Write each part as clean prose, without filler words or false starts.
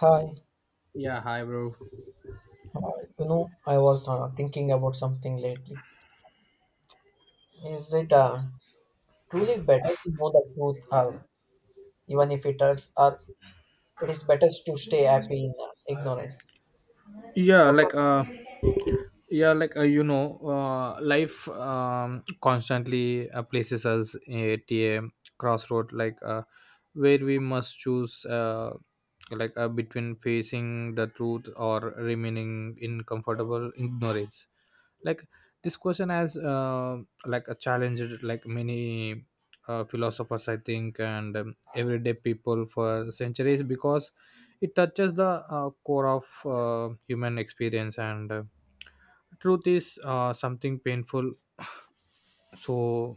Hi, Yeah, hi, bro. I was thinking about something lately. Is it truly better to know the truth, even if it hurts, or it is better to stay happy in ignorance? Yeah, What like is, uh, life constantly places us at a crossroad, where we must choose between facing the truth or remaining in comfortable ignorance. like this question has like a challenge like many philosophers, I think, and everyday people for centuries, because it touches the core of human experience, and truth is something painful so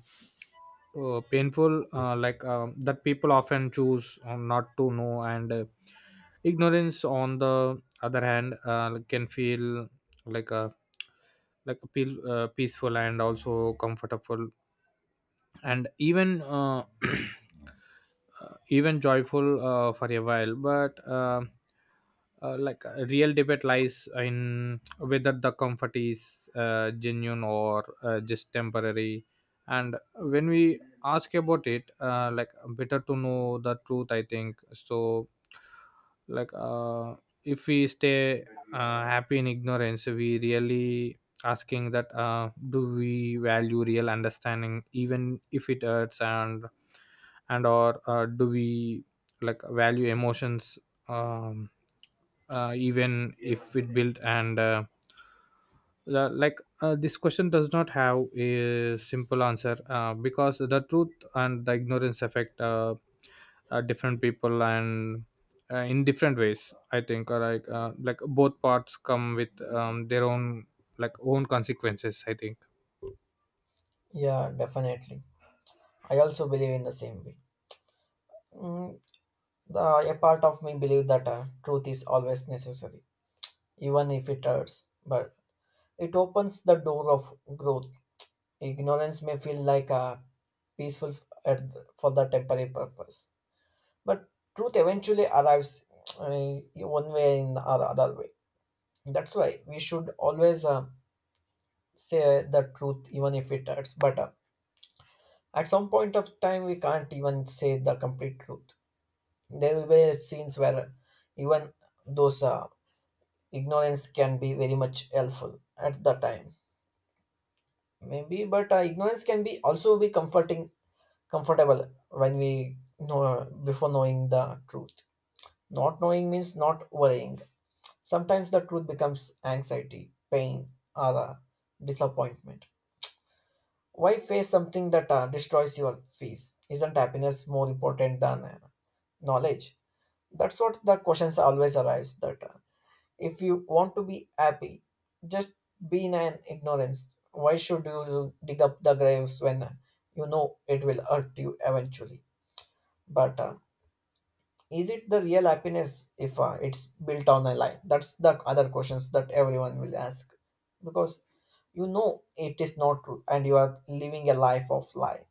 painful that people often choose not to know. And ignorance, on the other hand, can feel like a like peaceful and also comfortable, and even even joyful for a while. But Like, a real debate lies in whether the comfort is genuine or just temporary. And when we ask about it, better to know the truth, I think. So, like uh, if we stay happy in ignorance, we really asking that, do we value real understanding even if it hurts? And or do we like value emotions, um, even if it built? And this question does not have a simple answer, because the truth and the ignorance affect different people and in different ways, I think. Or like both parts come with their own own consequences, I think. yeah, definitely. I also believe in the same way. Mm, the, a part of me believe that truth is always necessary, even if it hurts. But it opens the door of growth. Ignorance may feel like a peaceful f- at the- for the temporary purpose. But truth eventually arrives uh, one way in or other way. That's why we should always say the truth, even if it hurts. But at some point of time, we can't even say the complete truth. There will be scenes where even those ignorance can be very much helpful at the time, maybe. But ignorance can be also be comforting, comfortable when we know before knowing the truth. Not knowing means not worrying. Sometimes the truth becomes anxiety, pain, or disappointment. Why face something that destroys your peace? Isn't happiness more important than knowledge? That's what the questions always arise. That If you want to be happy, just be in an ignorance. Why should you dig up the graves when you know it will hurt you eventually? But is it the real happiness if it's built on a lie? That's the other questions that everyone will ask, because you know it is not true and you are living a life of lie,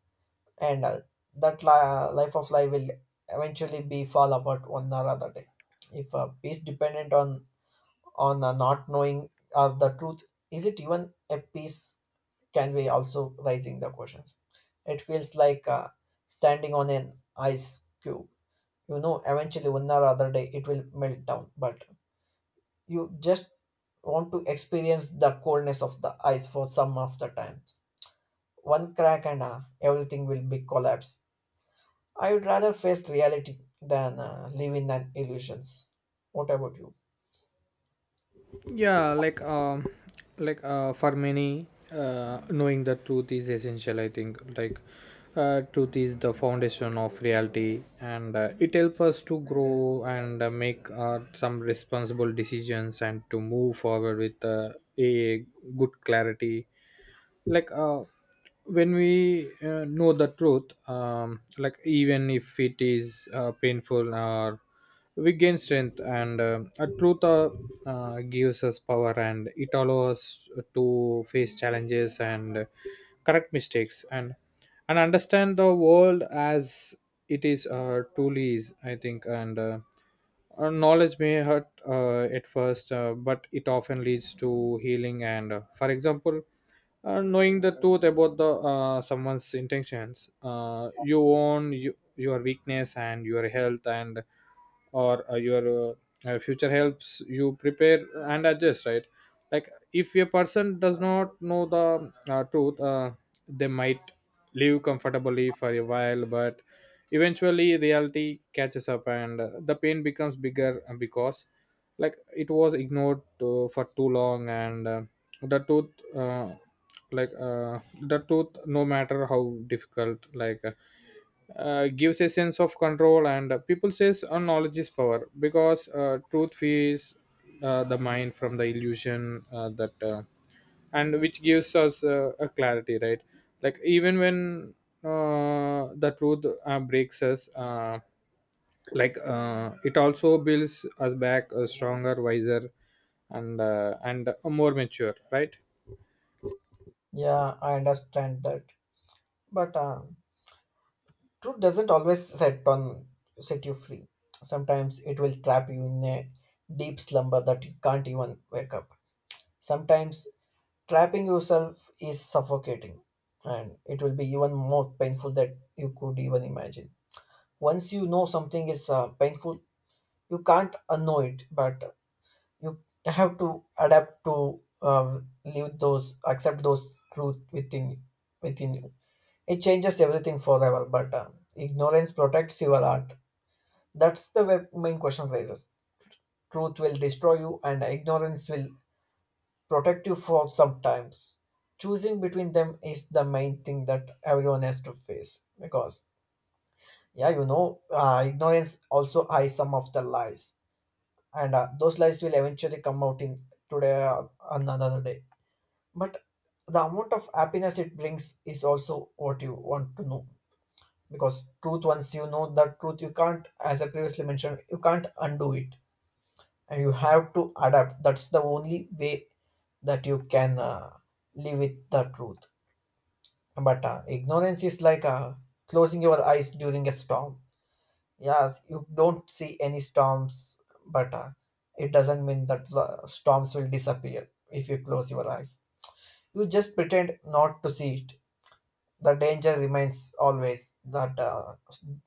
and life of lie will eventually be fall apart one or other day. If a peace dependent on not knowing of the truth, is it even a peace, can be also raising the questions. It feels like standing on an ice cube. You know eventually one or other day it will melt down, but you just want to experience the coldness of the ice for some of the times. One crack and everything will be collapse. I would rather face reality than live in an illusions. What about you? yeah like um for many, knowing the truth is essential, I think. Truth is the foundation of reality, and it helps us to grow, and make some responsible decisions, and to move forward with a good clarity. like uh, when we know the truth, like, even if it is painful, or we gain strength. And a truth gives us power, and it allows us to face challenges, and correct mistakes, and understand the world as it is, truly is, I think. And knowledge may hurt at first, but it often leads to healing. And for example, knowing the truth about the someone's intentions, you own you, your weakness and your health, and or your future helps you prepare and adjust. Right, like if a person does not know the truth, they might live comfortably for a while, but eventually reality catches up, and the pain becomes bigger, because like it was ignored to, for too long. And the truth uh, the truth, no matter how difficult, gives a sense of control. And people says, knowledge is power, because truth frees the mind from the illusion, that and which gives us a clarity, right? Like, even when the truth breaks us, it also builds us back stronger, wiser, and more mature, right? Yeah, I understand that, but truth doesn't always set you free. Sometimes it will trap you in a deep slumber that you can't even wake up. Sometimes trapping yourself is suffocating, and it will be even more painful that you could even imagine. Once you know something is painful, you can't unknow it, but you have to adapt to live those accept those truth within you. It changes everything forever, but ignorance protects your art. That's the main question raises. Truth will destroy you and ignorance will protect you for sometimes. Choosing between them is the main thing that everyone has to face, because yeah, you know, ignorance also hides some of the lies, and those lies will eventually come out in today or another day. But the amount of happiness it brings is also what you want to know, because truth, once you know that truth, you can't, as I previously mentioned, you can't undo it, and you have to adapt. That's the only way that you can live with the truth. But ignorance is like closing your eyes during a storm. Yes, you don't see any storms, but it doesn't mean that the storms will disappear if you close your eyes. You just pretend not to see it. The danger remains always, that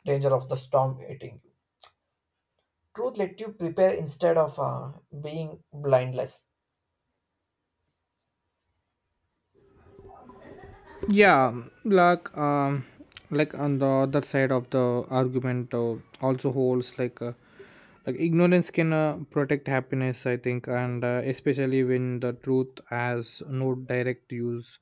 danger of the storm hitting you. Truth let you prepare instead of being blindless. yeah like um on the other side of the argument, also holds like ignorance can protect happiness, I think, and especially when the truth has no direct use,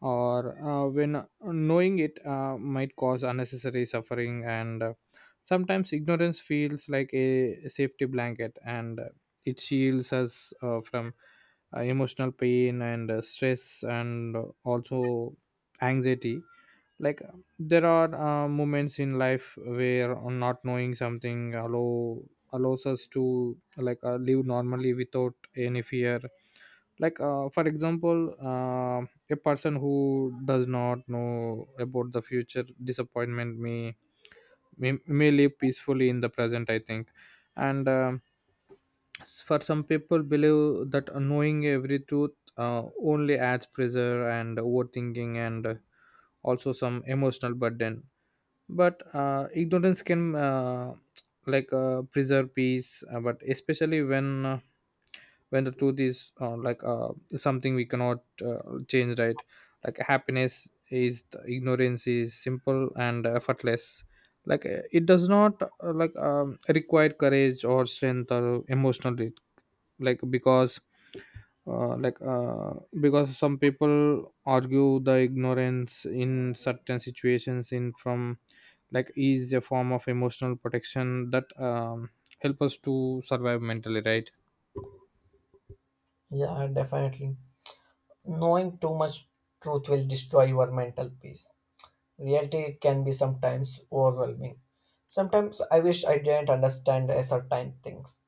or when knowing it might cause unnecessary suffering. And sometimes ignorance feels like a safety blanket, and it shields us from emotional pain, and stress, and also anxiety. There are moments in life where not knowing something allows us to live normally without any fear. For example, a person who does not know about the future disappointment may live peacefully in the present, I think. And for some, people believe that knowing every truth only adds pressure and overthinking, and also some emotional burden. But ignorance can preserve peace, but especially when the truth is something we cannot change, right? Like, happiness is ignorance is simple and effortless. It does not require courage or strength or emotional. Because uh, like uh, because some people argue the ignorance in certain situations in from like is a form of emotional protection that help us to survive mentally, right? Yeah, definitely. Knowing too much truth will destroy your mental peace. Reality can be sometimes overwhelming. Sometimes I wish I didn't understand a certain things.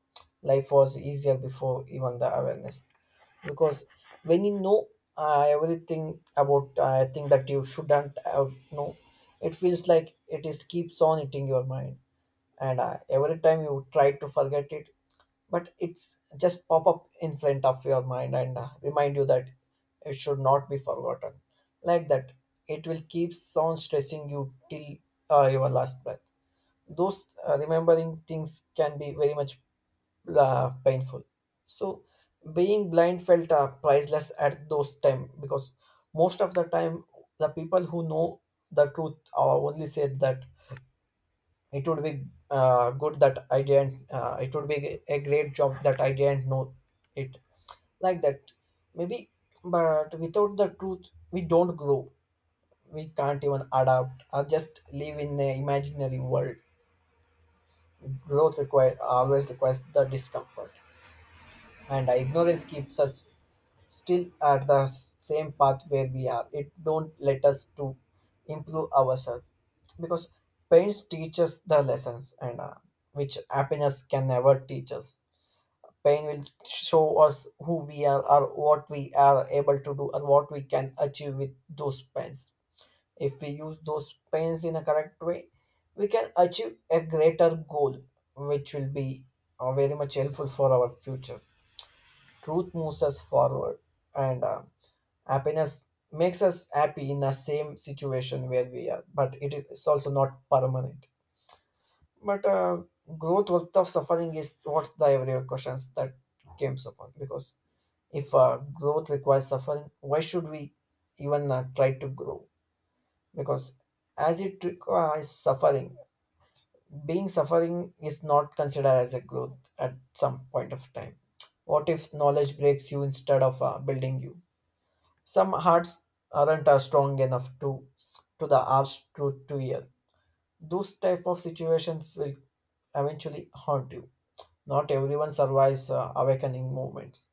Life was easier before even the awareness. Because when you know everything about a thing that you shouldn't have know, it feels like it is keeps on eating your mind, and every time you try to forget it, but it's just pop up in front of your mind and remind you that it should not be forgotten, like that. It will keep on stressing you till your last breath. Those remembering things can be very much painful. So, being blind felt priceless at those time, because most of the time the people who know the truth only said that it would be good that I didn't it would be a great job that I didn't know it, like that. Maybe. But without the truth we don't grow, we can't even adapt, or just live in an imaginary world. Growth require always requires the discomfort, and ignorance keeps us still at the same path where we are. It don't let us to improve ourselves, because pain teaches the lessons, and which happiness can never teach us. Pain will show us who we are or what we are able to do and what we can achieve with those pains. If we use those pains in a correct way, we can achieve a greater goal, which will be very much helpful for our future. Truth moves us forward, and happiness makes us happy in the same situation where we are, but it is also not permanent. But growth worth of suffering is what the everyday questions that came upon. Because if growth requires suffering, why should we even try to grow? Because as it requires suffering, being suffering is not considered as a growth at some point of time. What if knowledge breaks you instead of building you? Some hearts aren't strong enough to the harsh truth to hear. Those type of situations will eventually haunt you. Not everyone survives awakening moments,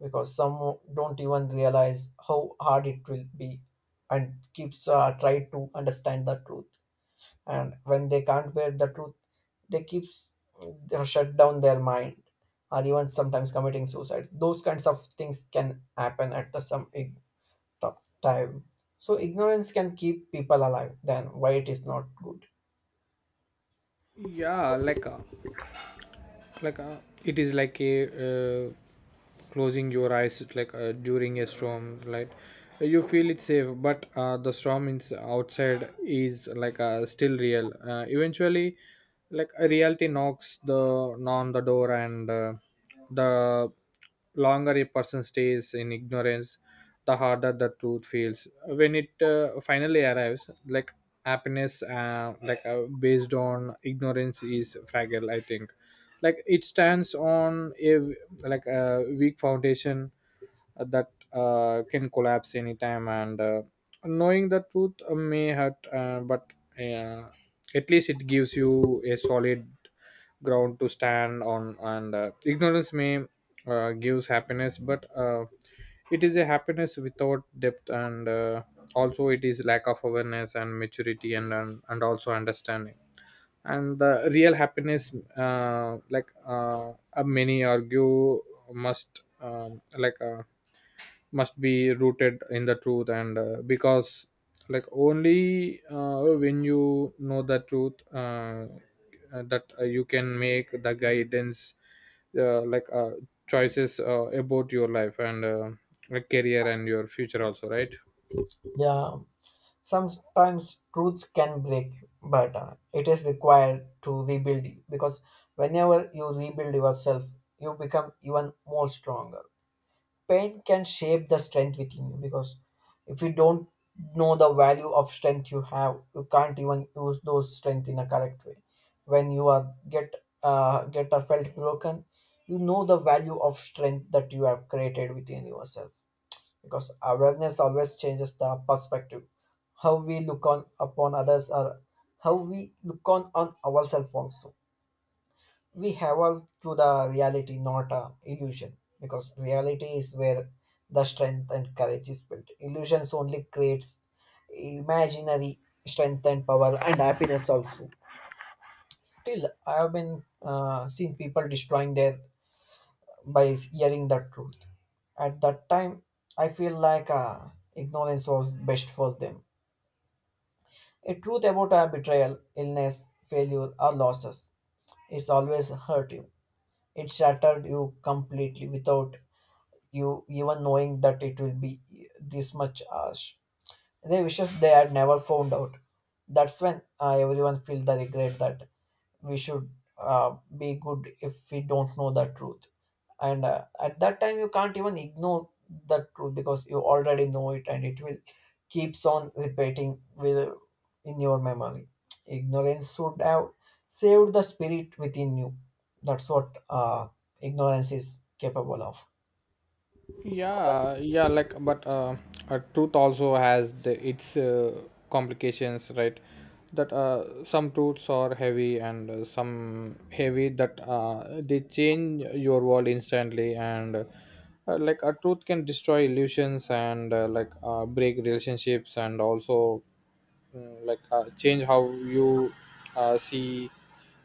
because some don't even realize how hard it will be and keeps try to understand the truth. And when they can't bear the truth, they keeps they shut down their mind, or even sometimes committing suicide. Those kinds of things can happen at the some e tough time. So ignorance can keep people alive, then why it is not good. yeah like uh, like uh, it is like a closing your eyes, during a storm. Like, you feel it's safe, but the storm is outside is still real. Eventually, like, a reality knocks the on the door. And the longer a person stays in ignorance, the harder the truth feels when it finally arrives. Like, happiness based on ignorance is fragile, I think. Like, it stands on a a weak foundation, that can collapse anytime. And knowing the truth may hurt, but uh, at least it gives you a solid ground to stand on. And ignorance may gives happiness, but it is a happiness without depth. And also it is lack of awareness and maturity, and also understanding. And the real happiness, a many argue, must must be rooted in the truth, and because only when you know the truth, that you can make the guidance, uh, like uh, choices, about your life, and like career, and your future also, right? Yeah, sometimes truth can break, but it is required to rebuild you, because whenever you rebuild yourself, you become even more stronger. Pain can shape the strength within you, because if you don't know the value of strength you have, you can't even use those strength in a correct way. When you are get or felt broken, you know the value of strength that you have created within yourself, because awareness always changes the perspective: how we look on upon others, or how we look on ourselves also. We have all to the reality, not a illusion, because reality is where the strength and courage is built. Illusions only creates imaginary strength and power and happiness also. Still, I have been seen people destroying their by hearing the truth. At that time, I feel like ignorance was best for them. A truth about a betrayal, illness, failure, or losses. It's always hurt you. It shattered you completely without you even knowing that it will be this much harsh. They wishes they had never found out. That's when everyone feel the regret that we should be good if we don't know the truth. And at that time you can't even ignore the truth, because you already know it, and it will keeps on repeating with in your memory. Ignorance should have saved the spirit within you. That's what ignorance is capable of. But truth also has its complications, right? That some truths are heavy, and some heavy that they change your world instantly. And a truth can destroy illusions, and break relationships, and also change how you see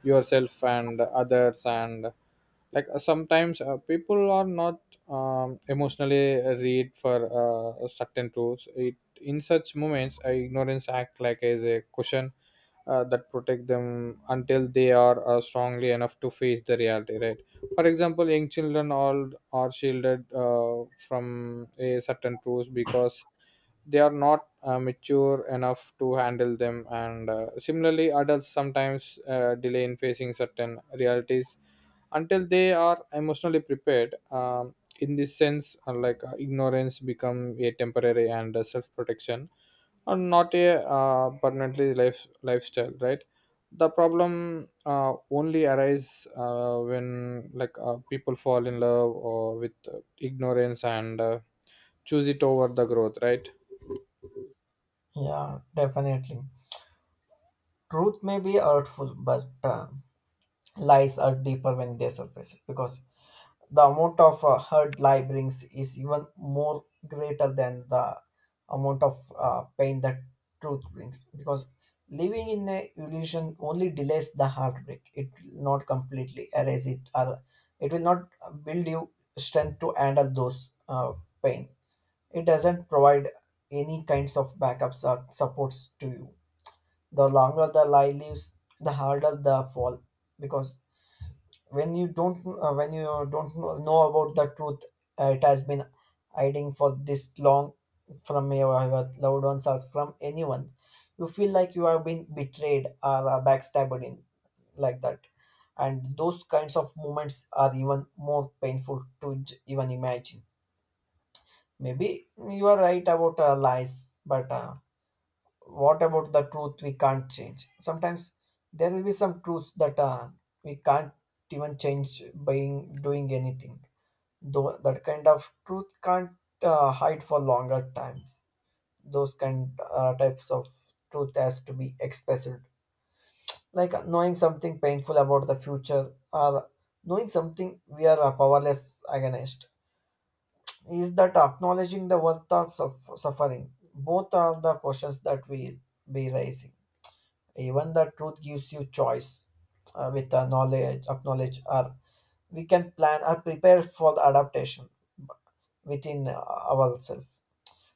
yourself and others. And sometimes people are not emotionally read for certain truths. It in such moments, ignorance act like as a cushion that protect them until they are strongly enough to face the reality, right? For example, young children all are shielded from a certain truths, because they are not mature enough to handle them. And similarly, adults sometimes delay in facing certain realities until they are emotionally prepared. In this sense, ignorance become a temporary and self-protection, and not a permanently lifestyle, right? The problem only arises when people fall in love or with ignorance, and choose it over the growth, right? Yeah, definitely, truth may be hurtful, but lies are deeper when they surface, because the amount of hurt lie brings is even more greater than the amount of pain that truth brings, because living in a illusion only delays the heartbreak. It will not completely erase it, or it will not build you strength to handle those pain. It doesn't provide any kinds of backups or supports to you. The longer the lie lives, the harder the fall, because when you don't when you don't know about the truth, it has been hiding for this long from your loved ones or from anyone. You feel like you have been betrayed or backstabbed in, like that. And those kinds of moments are even more painful to even imagine. Maybe you are right about lies, but what about the truth we can't change sometimes? There will be some truths that we can't even change by doing anything. Though that kind of truth can't hide for longer times, those kind types of truth has to be expressed. Like knowing something painful about the future, or knowing something we are powerless against, is that acknowledging the worth of suffering, both are the questions that we be raising. Even the truth gives you choice with the knowledge acknowledge, or we can plan or prepare for the adaptation within ourselves.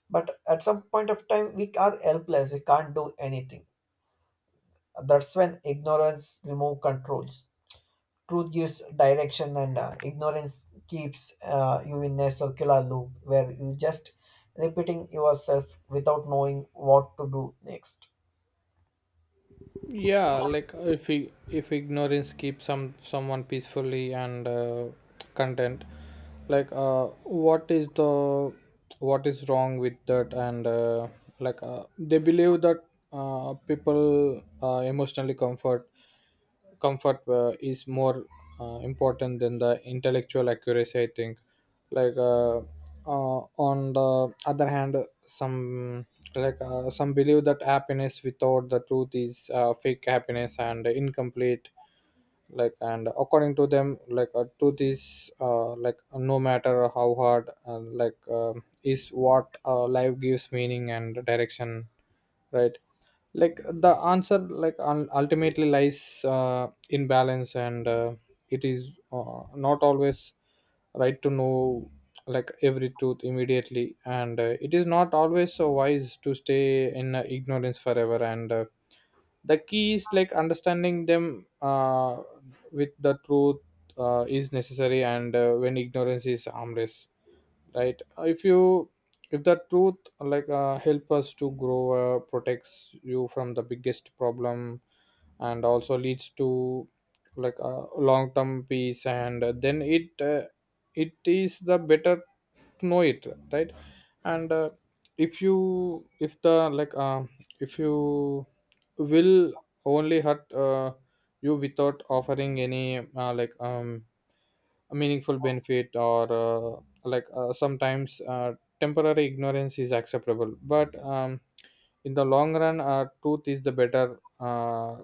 But at some point of time we are helpless, we can't do anything. That's when ignorance remove controls. Truth gives direction, and ignorance keeps you in a circular loop where you just repeating yourself without knowing what to do next. yeah like if if ignorance keeps someone peacefully and content, what is the what is wrong with that? And they believe that people emotionally comfort is more important than the intellectual accuracy, I think. like uh, on the other hand, some, some believe that happiness without the truth is fake happiness and incomplete. And according to them, truth is, like, no matter how hard, is what life gives meaning and direction, right? Like, the answer ultimately lies in balance. And it is not always right to know every truth immediately. And it is not always so wise to stay in ignorance forever. And the key is like understanding them, with the truth, is necessary, and when ignorance is harmless, right? If you, if the truth help us to grow, protects you from the biggest problem, and also leads to a long term peace, and then it it is the better to know it, right? And if you, if the if you will only hurt you without offering any meaningful benefit, or sometimes temporary ignorance is acceptable. But in the long run, truth is the better uh,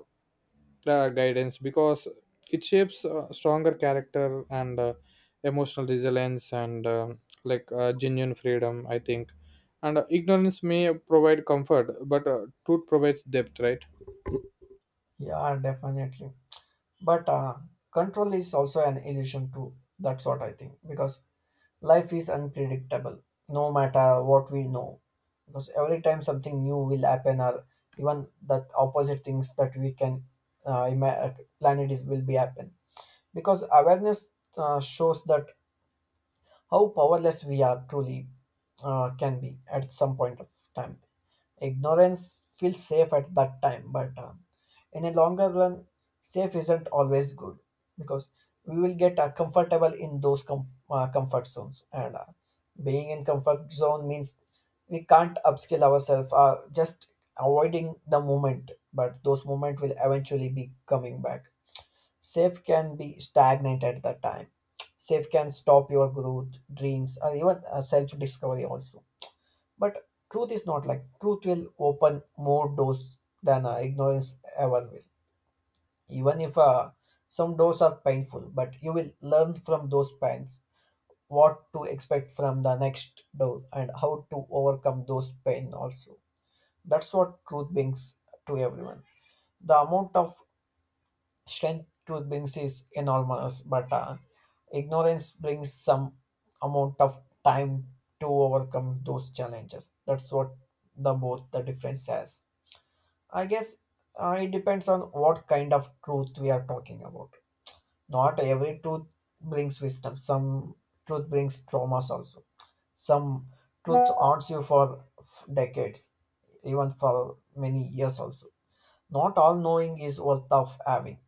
uh, guidance, because it shapes stronger character, and emotional resilience, and genuine freedom, I think. And ignorance may provide comfort, but truth provides depth, right? Yeah, definitely. But control is also an illusion too, that's what I think, because life is unpredictable, no matter what we know. Because every time something new will happen, or even that opposite things that we can plan, it is will be happen. Because awareness shows that how powerless we are truly can be at some point of time. Ignorance feels safe at that time, but in a longer run, safe isn't always good. Because we will get comfortable in those comfort zones. And being in comfort zone means we can't upskill ourselves, just avoiding the moment, but those moment will eventually be coming back. Safe can be stagnant at that time. Safe can stop your growth, dreams, or even self discovery also. But truth is not like, truth will open more doors than ignorance ever will. Even if some doors are painful, but you will learn from those pains what to expect from the next door and how to overcome those pain also. That's what truth brings to everyone. The amount of strength truth brings is enormous, but ignorance brings some amount of time to overcome those challenges. That's what the both the difference has. I guess it depends on what kind of truth we are talking about. Not every truth brings wisdom. Some truth brings traumas also. Some truth haunts you for decades, even for many years also. Not all knowing is worth of having.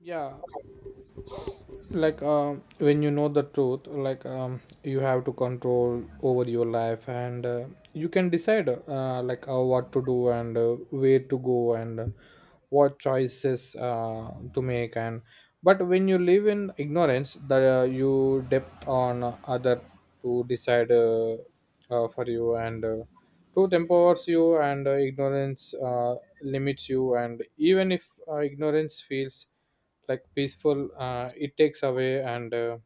yeah when you know the truth, you have to control over your life, and you can decide, what to do, and where to go, and what choices to make. And But when you live in ignorance, that you depend on other to decide for you. And truth empowers you, and ignorance limits you. And even if ignorance feels like peaceful, it takes away. And uh,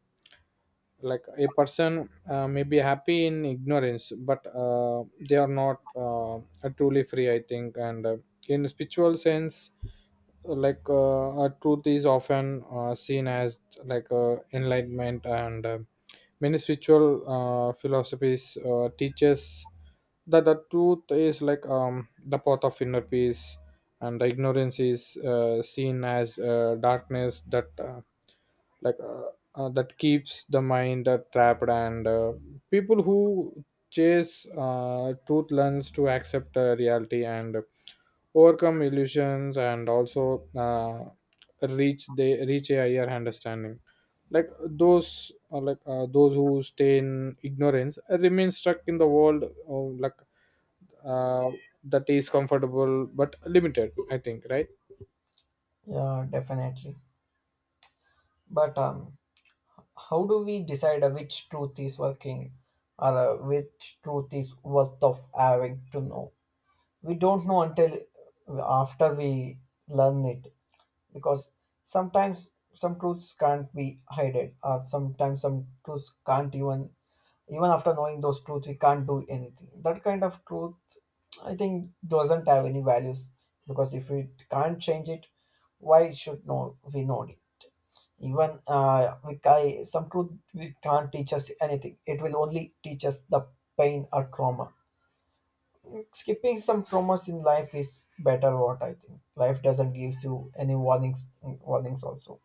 like a person may be happy in ignorance, but they are not are truly free, I think. And in spiritual sense, a truth is often seen as enlightenment, and many spiritual philosophies teaches that the truth is the path of inner peace, and the ignorance is seen as darkness that like uh, that keeps the mind trapped, and people who chase truth learns to accept reality and overcome illusions, and also reach they reach a higher understanding. Those who stay in ignorance remain stuck in the world, uh, that is comfortable but limited, I think, right? Yeah, definitely. But how do we decide which truth is working, or which truth is worth of having to know? We don't know until after we learn it. Because sometimes some truths can't be hidden, or sometimes some truths can't even after knowing those truths we can't do anything, that kind of truth I think doesn't have any values. Because if we can't change it, why should know we know it? Even some truth we can't teach us anything. It will only teach us the pain or trauma. Skipping some traumas in life is better. What I think, life doesn't gives you any warnings. Warnings also.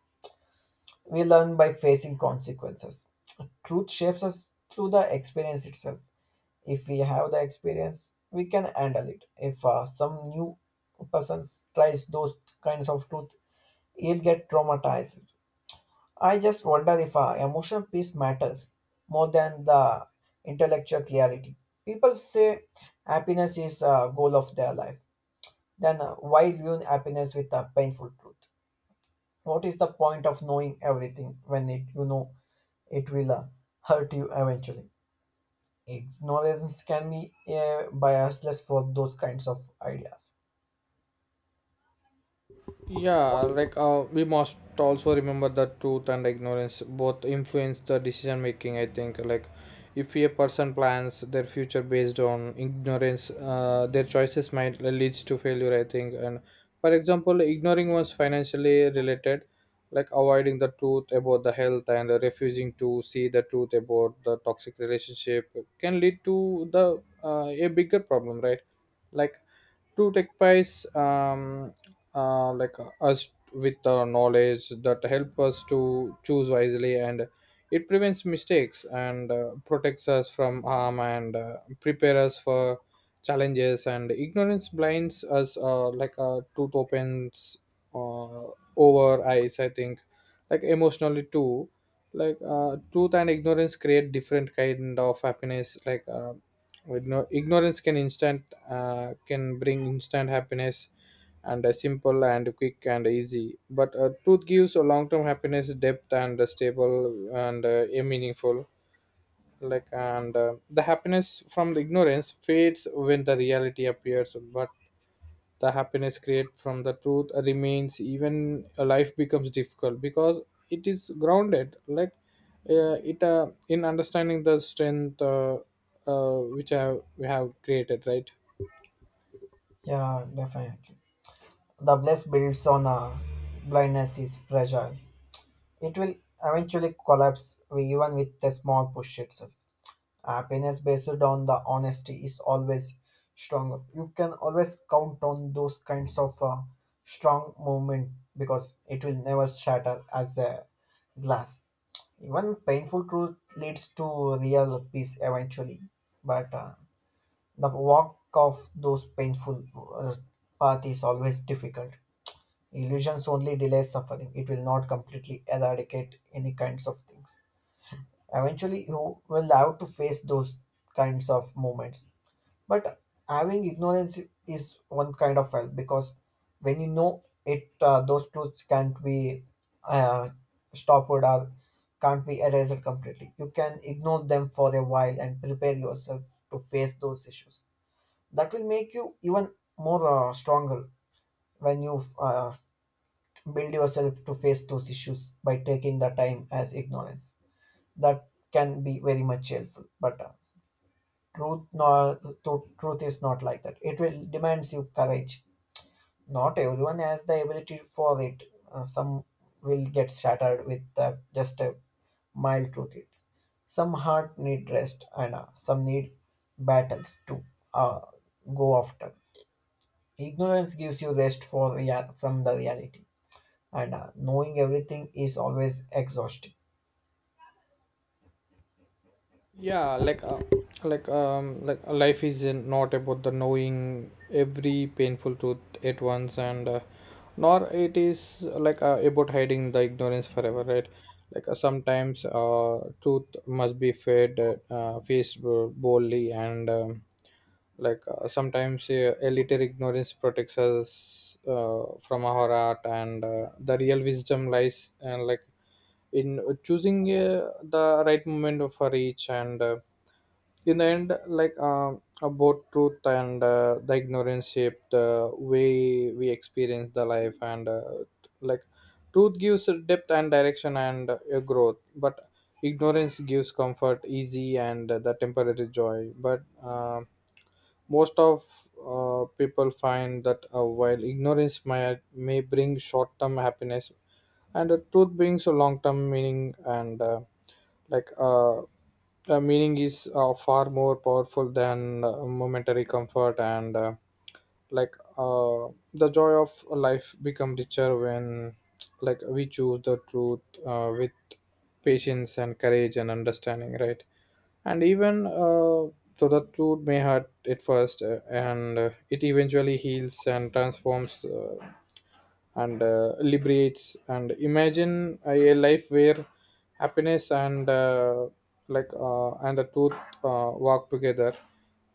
We learn by facing consequences. Truth shapes us through the experience itself. If we have the experience, we can handle it. If some new person tries those kinds of truth, he'll get traumatized. I just wonder if emotional peace matters more than the intellectual clarity. People say happiness is a goal of their life. Then why ruin happiness with a painful truth? What is the point of knowing everything when it it will hurt you eventually? Ignorance can be biasless for those kinds of ideas. Yeah, we must also remember that truth and ignorance both influence the decision making, I think. Like, if a person plans their future based on ignorance, their choices might leads to failure, I think. And for example, ignoring one's financially related, like avoiding the truth about the health and refusing to see the truth about the toxic relationship can lead to the a bigger problem, right? Like, to take place us with knowledge that help us to choose wisely, and it prevents mistakes, and protects us from harm, and prepare us for challenges, and ignorance blinds us, like a tooth opens uh, over eyes, I think. Like emotionally too, truth and ignorance create different kind of happiness. Like, ignorance can instant can bring instant happiness, and simple and quick and easy. But truth gives a long-term happiness, depth, and stable, and a meaningful. Like, and the happiness from the ignorance fades when the reality appears, but the happiness created from the truth remains even a life becomes difficult, because it is grounded, like it in understanding the strength, which we have created, right? Yeah, definitely. The bliss builds on a blindness is fragile. It will eventually collapse even with the small push itself. Happiness based on the honesty is always stronger. You can always count on those kinds of strong movement, because it will never shatter as a glass. Even painful truth leads to real peace eventually, but the walk of those painful uh, path is always difficult. Illusions only delay suffering. It will not completely eradicate any kinds of things. Eventually, you will have to face those kinds of moments. But having ignorance is one kind of help, because when you know it, those truths can't be uh, stopped or can't be erased completely. You can ignore them for a while and prepare yourself to face those issues. That will make you even more stronger when you build yourself to face those issues by taking the time as ignorance. That can be very much helpful. But truth, no, tru- truth is not like that. It will demands you courage. Not everyone has the ability for it. Some will get shattered with just a mild truth. It. Some heart need rest, and some need battles to uh, go after. Ignorance gives you rest for from the reality, and knowing everything is always exhausting. Yeah, life is not about the knowing every painful truth at once, and nor it is about hiding the ignorance forever, right? Sometimes truth must be fed faced boldly, and sometimes a little ignorance protects us from our art, and the real wisdom lies, and like, in choosing the right moment for each, and in the end, both truth and the ignorance shape the way we experience the life, and like, truth gives a depth and direction and a growth, but ignorance gives comfort, easy, and the temporary joy. But most of people find that while ignorance may bring short-term happiness, and the truth brings a long-term meaning. And like uh, the meaning is far more powerful than momentary comfort and. Like uh, the joy of life become richer when, like, we choose the truth with patience and courage and understanding, right? And even so the truth may hurt at first, and it eventually heals and transforms, and liberates. And imagine a life where happiness and, and the truth walk together,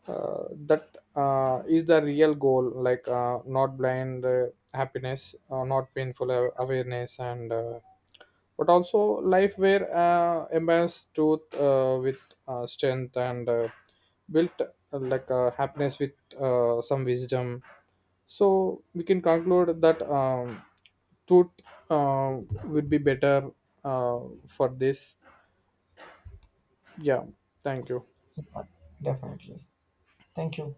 uh, that is the real goal. Not blind happiness, not painful awareness, and but also life where imbalance truth with strength, and built, happiness with some wisdom. So we can conclude that tooth uh, would be better uh, for this. Yeah, thank you. Yeah, definitely. Thank you.